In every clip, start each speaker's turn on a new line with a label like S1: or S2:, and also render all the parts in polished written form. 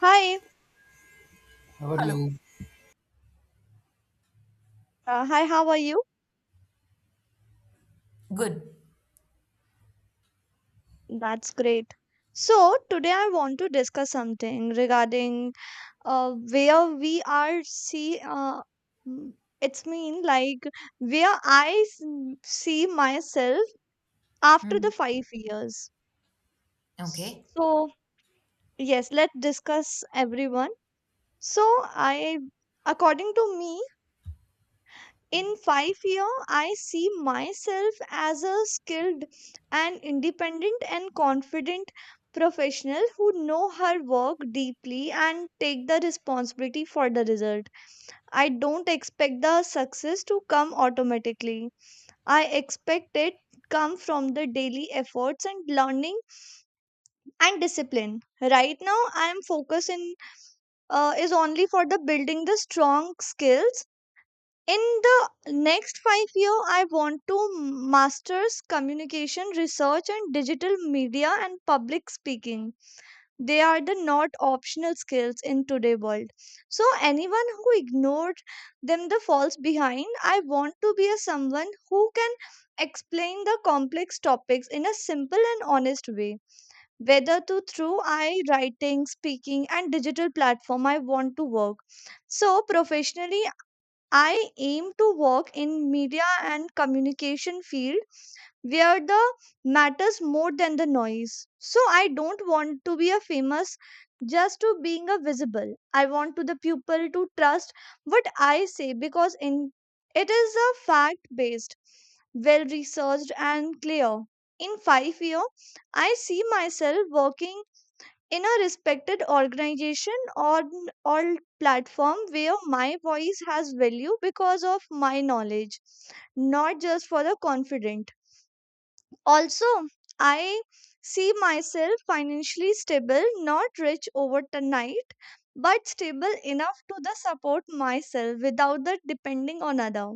S1: Hi,
S2: How are
S3: Hello.
S2: you?
S1: hi, how are you?
S3: Good.
S1: That's great. So, today I want to discuss something regarding where we are see, m- it's mean like where I see myself after
S3: Hmm.
S1: the 5 years.
S3: Okay.
S1: So, yes, let's discuss everyone. So, I according to me, in 5 year I see myself as a skilled and independent and confident professional who know her work deeply and take the responsibility for the result. I don't expect the success to come automatically. I expect it come from the daily efforts and learning and discipline. Right now I am focusing, is only for the building the strong skills. In the next 5 year I want to masters communication research and digital media and public speaking. They are the not optional skills in today world, so anyone who ignored them the falls behind. I want to be a someone who can explain the complex topics in a simple and honest way, whether to through I writing speaking and digital platform. I want to work so professionally. I aim to work in media and communication field where the matters more than the noise. So I don't want to be a famous just to being a visible. I want to the people to trust what I say, because in it is a fact based, well researched and clear. In 5 years, I see myself working in a respected organization or platform where my voice has value because of my knowledge, not just for the confident. Also, I see myself financially stable, not rich overnight, but stable enough to the support myself without the depending on other.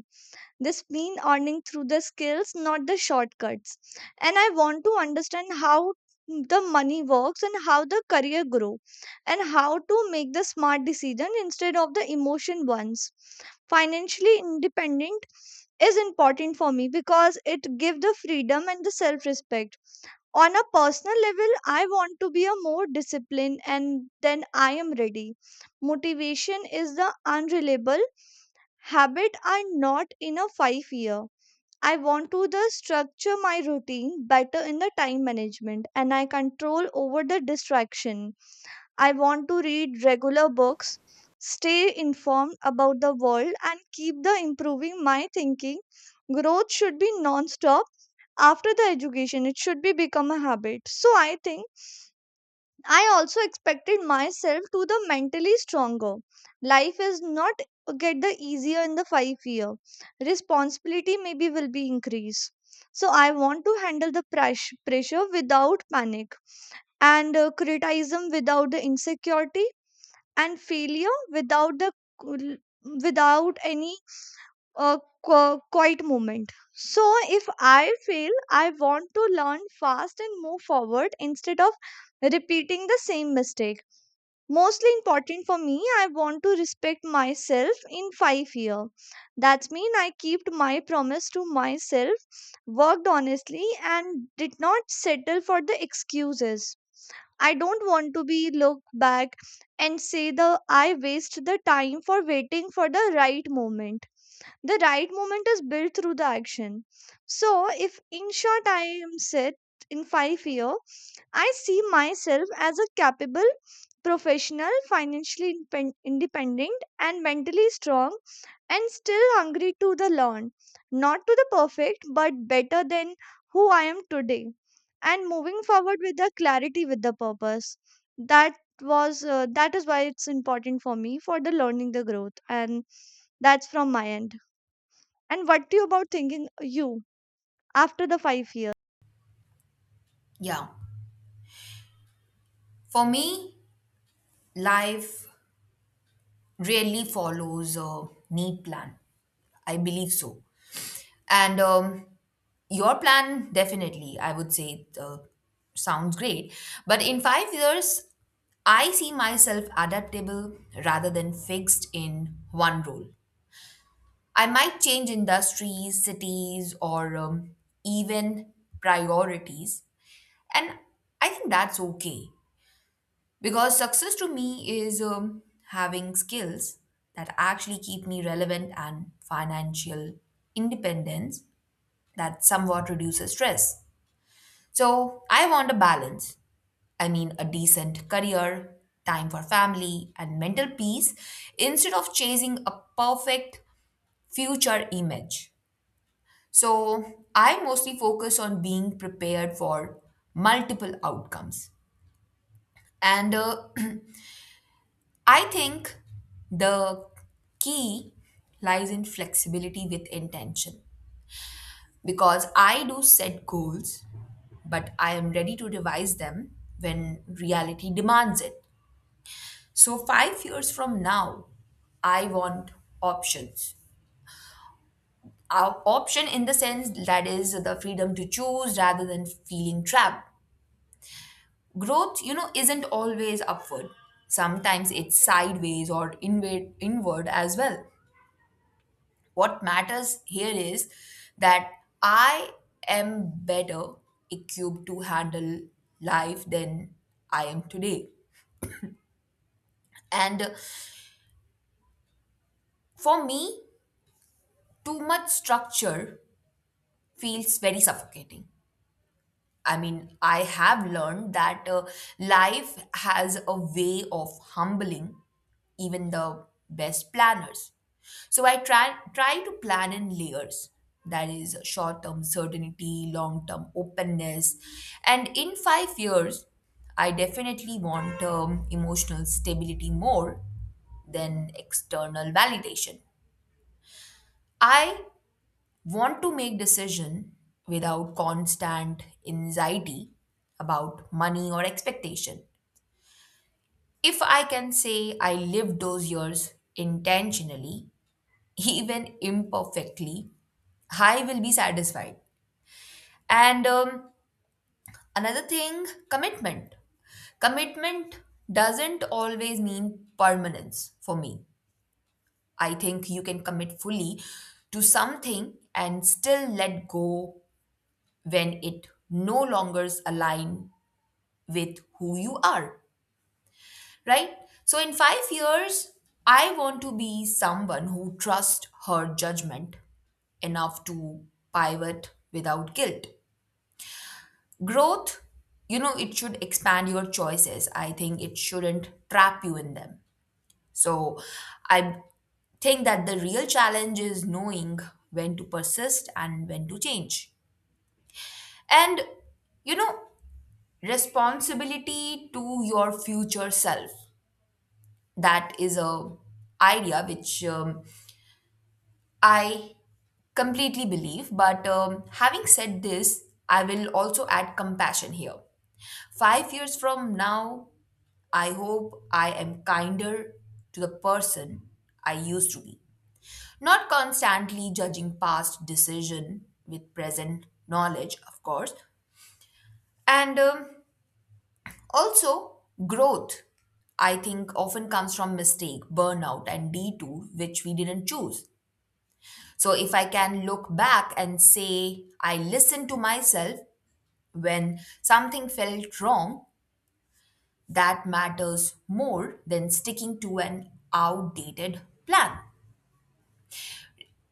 S1: This mean earning through the skills, not the shortcuts. And I want to understand how the money works, and how the career grow, and how to make the smart decision instead of the emotion ones. Financially independent is important for me because it give the freedom and the self respect. On a personal level, I want to be a more disciplined, and then I am ready. Motivation is the unreliable, habit are not. In a 5 year I want to the structure my routine better in the time management, and I control over the distraction. I want to read regular books, stay informed about the world and keep the improving my thinking. Growth should be non-stop. After the education, it should be become a habit, so I think I also expected myself to the mentally stronger. Life is not get the easier in the 5 year. Responsibility maybe will be increased. So I want to handle the pressure without panic, and criticism without the insecurity, and failure without the cool- without any uh, quiet moment. So if I fail, I want to learn fast and move forward instead of repeating the same mistake. Mostly important for me, I want to respect myself in 5 year. That's mean I kept my promise to myself, worked honestly, and did not settle for the excuses. I don't want to be look back and say the I waste the time for waiting for the right moment. The right moment is built through the action. So, if in short I am set, in 5 year I see myself as a capable professional, financially independent and mentally strong, and still hungry to the learn. Not to the perfect, but better than who I am today, and moving forward with the clarity with the purpose. That is why it's important for me, for the learning the growth. And that's from my end. And what do you about thinking you after the 5 years?
S3: Yeah. For me, life really follows a neat plan. I believe so. And Your plan, definitely, I would say, sounds great. But in 5 years, I see myself adaptable rather than fixed in one role. I might change industries, cities, or even priorities. And I think that's okay. Because success to me is having skills that actually keep me relevant and financial independence that somewhat reduces stress. So I want a balance. I mean, a decent career, time for family, and mental peace instead of chasing a perfect future image. So I mostly focus on being prepared for multiple outcomes. And I think the key lies in flexibility with intention because I do set goals, but I am ready to revise them when reality demands it. So, 5 years from now, I want options. Our option in the sense that is the freedom to choose rather than feeling trapped. Growth, you know, isn't always upward. Sometimes it's sideways or inward, inward as well. What matters here is that I am better equipped to handle life than I am today. And For me, too much structure feels very suffocating. I mean, I have learned that life has a way of humbling even the best planners. So I try to plan in layers. That is short-term certainty, long-term openness, and in 5 years, I definitely want emotional stability more than external validation. I want to make decision without constant anxiety about money or expectation. If I can say I lived those years intentionally even imperfectly, I will be satisfied. And Another thing, commitment. Commitment doesn't always mean permanence for me. I think you can commit fully to something and still let go when it no longer align with who you are, right? So in 5 years, I want to be someone who trusts her judgment enough to pivot without guilt. Growth, you know, it should expand your choices. I think it shouldn't trap you in them. So I think that the real challenge is knowing when to persist and when to change. And, you know, responsibility to your future self. That is a idea which I completely believe. But having said this, I will also add compassion here. 5 years from now, I hope I am kinder to the person I used to be. Not constantly judging past decision with present knowledge, of course. And Also growth, I think often comes from mistake, burnout and detour which we didn't choose. So if I can look back and say I listened to myself when something felt wrong, that matters more than sticking to an outdated plan.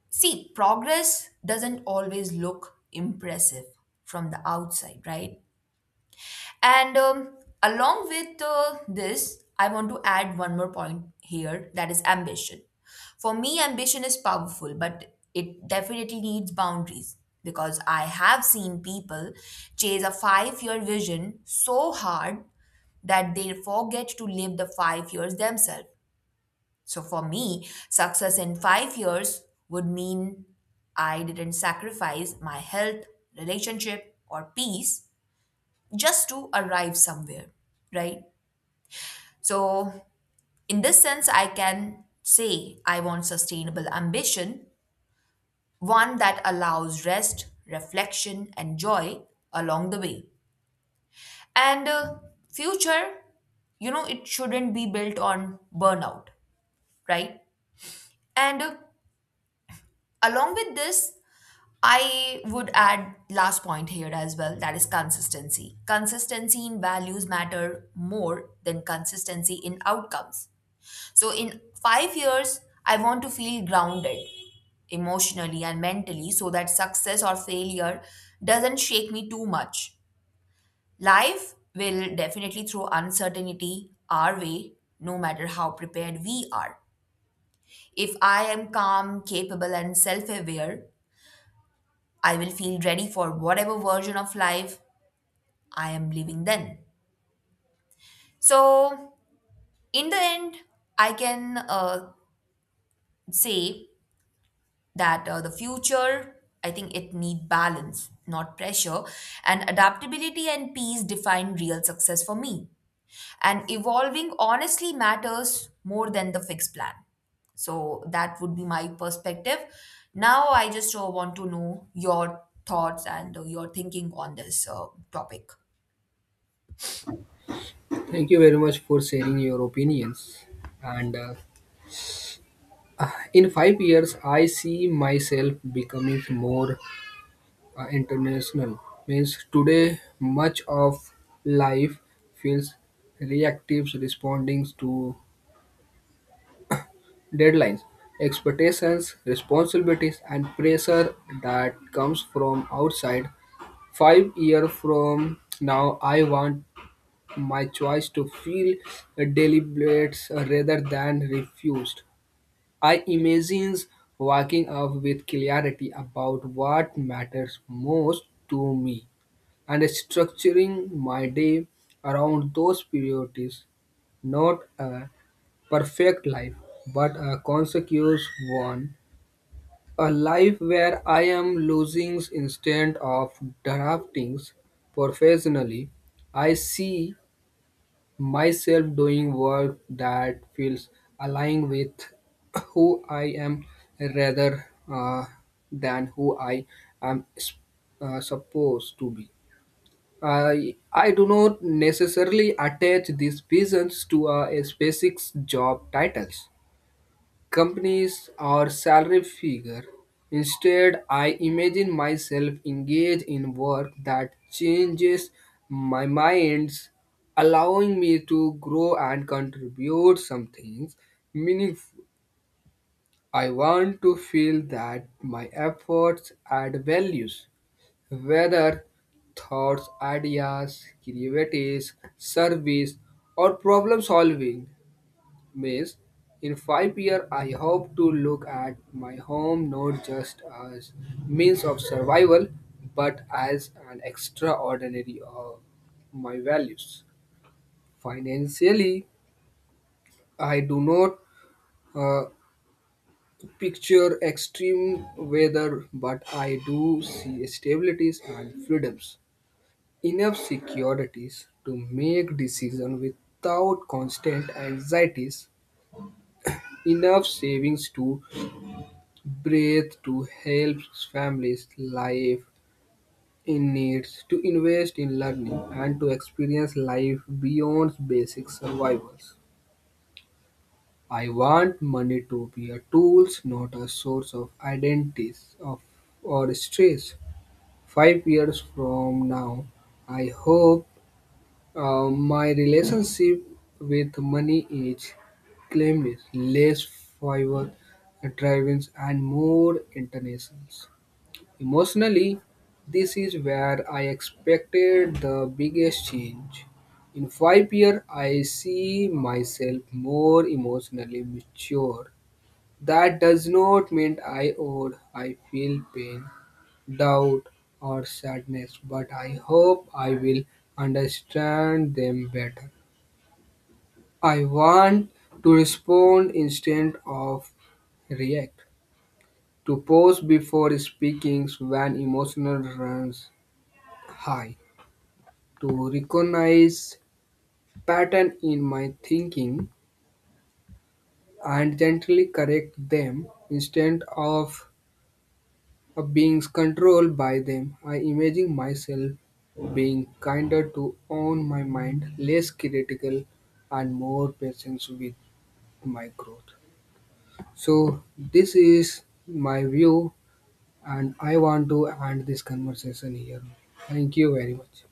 S3: See, progress doesn't always look impressive from the outside, right? And along with This, I want to add one more point here that is ambition. For me, ambition is powerful, but it definitely needs boundaries because I have seen people chase a 5 year vision so hard that they forget to live the 5 years themselves. So for me, success in 5 years would mean I didn't sacrifice my health, relationship, or peace just to arrive somewhere, right? So, in this sense, I can say I want sustainable ambition, one that allows rest, reflection, and joy along the way. And Future, you know, it shouldn't be built on burnout, right? And Along with this, I would add last point here as well that is consistency. Consistency in values matter more than consistency in outcomes. So in 5 years I want to feel grounded emotionally and mentally so that success or failure doesn't shake me too much. Life will definitely throw uncertainty our way no matter how prepared we are. If I am calm, capable and self-aware I will feel ready for whatever version of life I am living then. So, in the end, I can say that the future, I think it need balance, not pressure, and adaptability and peace define real success for me. And evolving honestly matters more than the fixed plan. So that would be my perspective. Now I just want to know your thoughts and your thinking on this topic.
S2: Thank you very much for sharing your opinions. And in 5 years, I see myself becoming more international. Means today, much of life feels reactive, responding to deadlines, expectations, responsibilities, and pressure that comes from outside. 5 years from now, I want my choice to feel deliberates rather than refused. I imagine waking up with clarity about what matters most to me and structuring my day around those priorities. Not a perfect life, but a consequence one. A life where I am losing instead of drafting professionally. I see myself doing work that feels aligned with who I am rather than who I am supposed to be. I do not necessarily attach these visions to a specific job titles companies or salary figure. Instead, I imagine myself engaged in work that changes my minds, allowing me to grow and contribute some things meaningful. I want to feel that my efforts add values, whether thoughts, ideas, creativities, service, or problem solving. Maze. In 5 years, I hope to look at my home not just as means of survival, but as an extraordinary of my values. Financially, I do not uh, picture extreme weather, but I do see stabilities and freedoms, enough securities to make decisions without constant anxieties, enough savings to breathe, to help families live in needs, to invest in learning and to experience life beyond basic survival. I want money to be a tool, not a source of identities of, or stress. 5 years from now, I hope my relationship with money is claimed less favor drivings and more international. Emotionally, this is where I expected the biggest change. In 5 years, I see myself more emotionally mature. That does not mean I owe. I feel pain, doubt, or sadness, but I hope I will understand them better. I want to respond instead of react, to pause before speaking when emotional runs high, to recognize pattern in my thinking and gently correct them instead of being controlled by them. I imagine myself being kinder to own my mind, less critical, and more patient with my growth. So this is my view, and I want to end this conversation here. Thank you very much.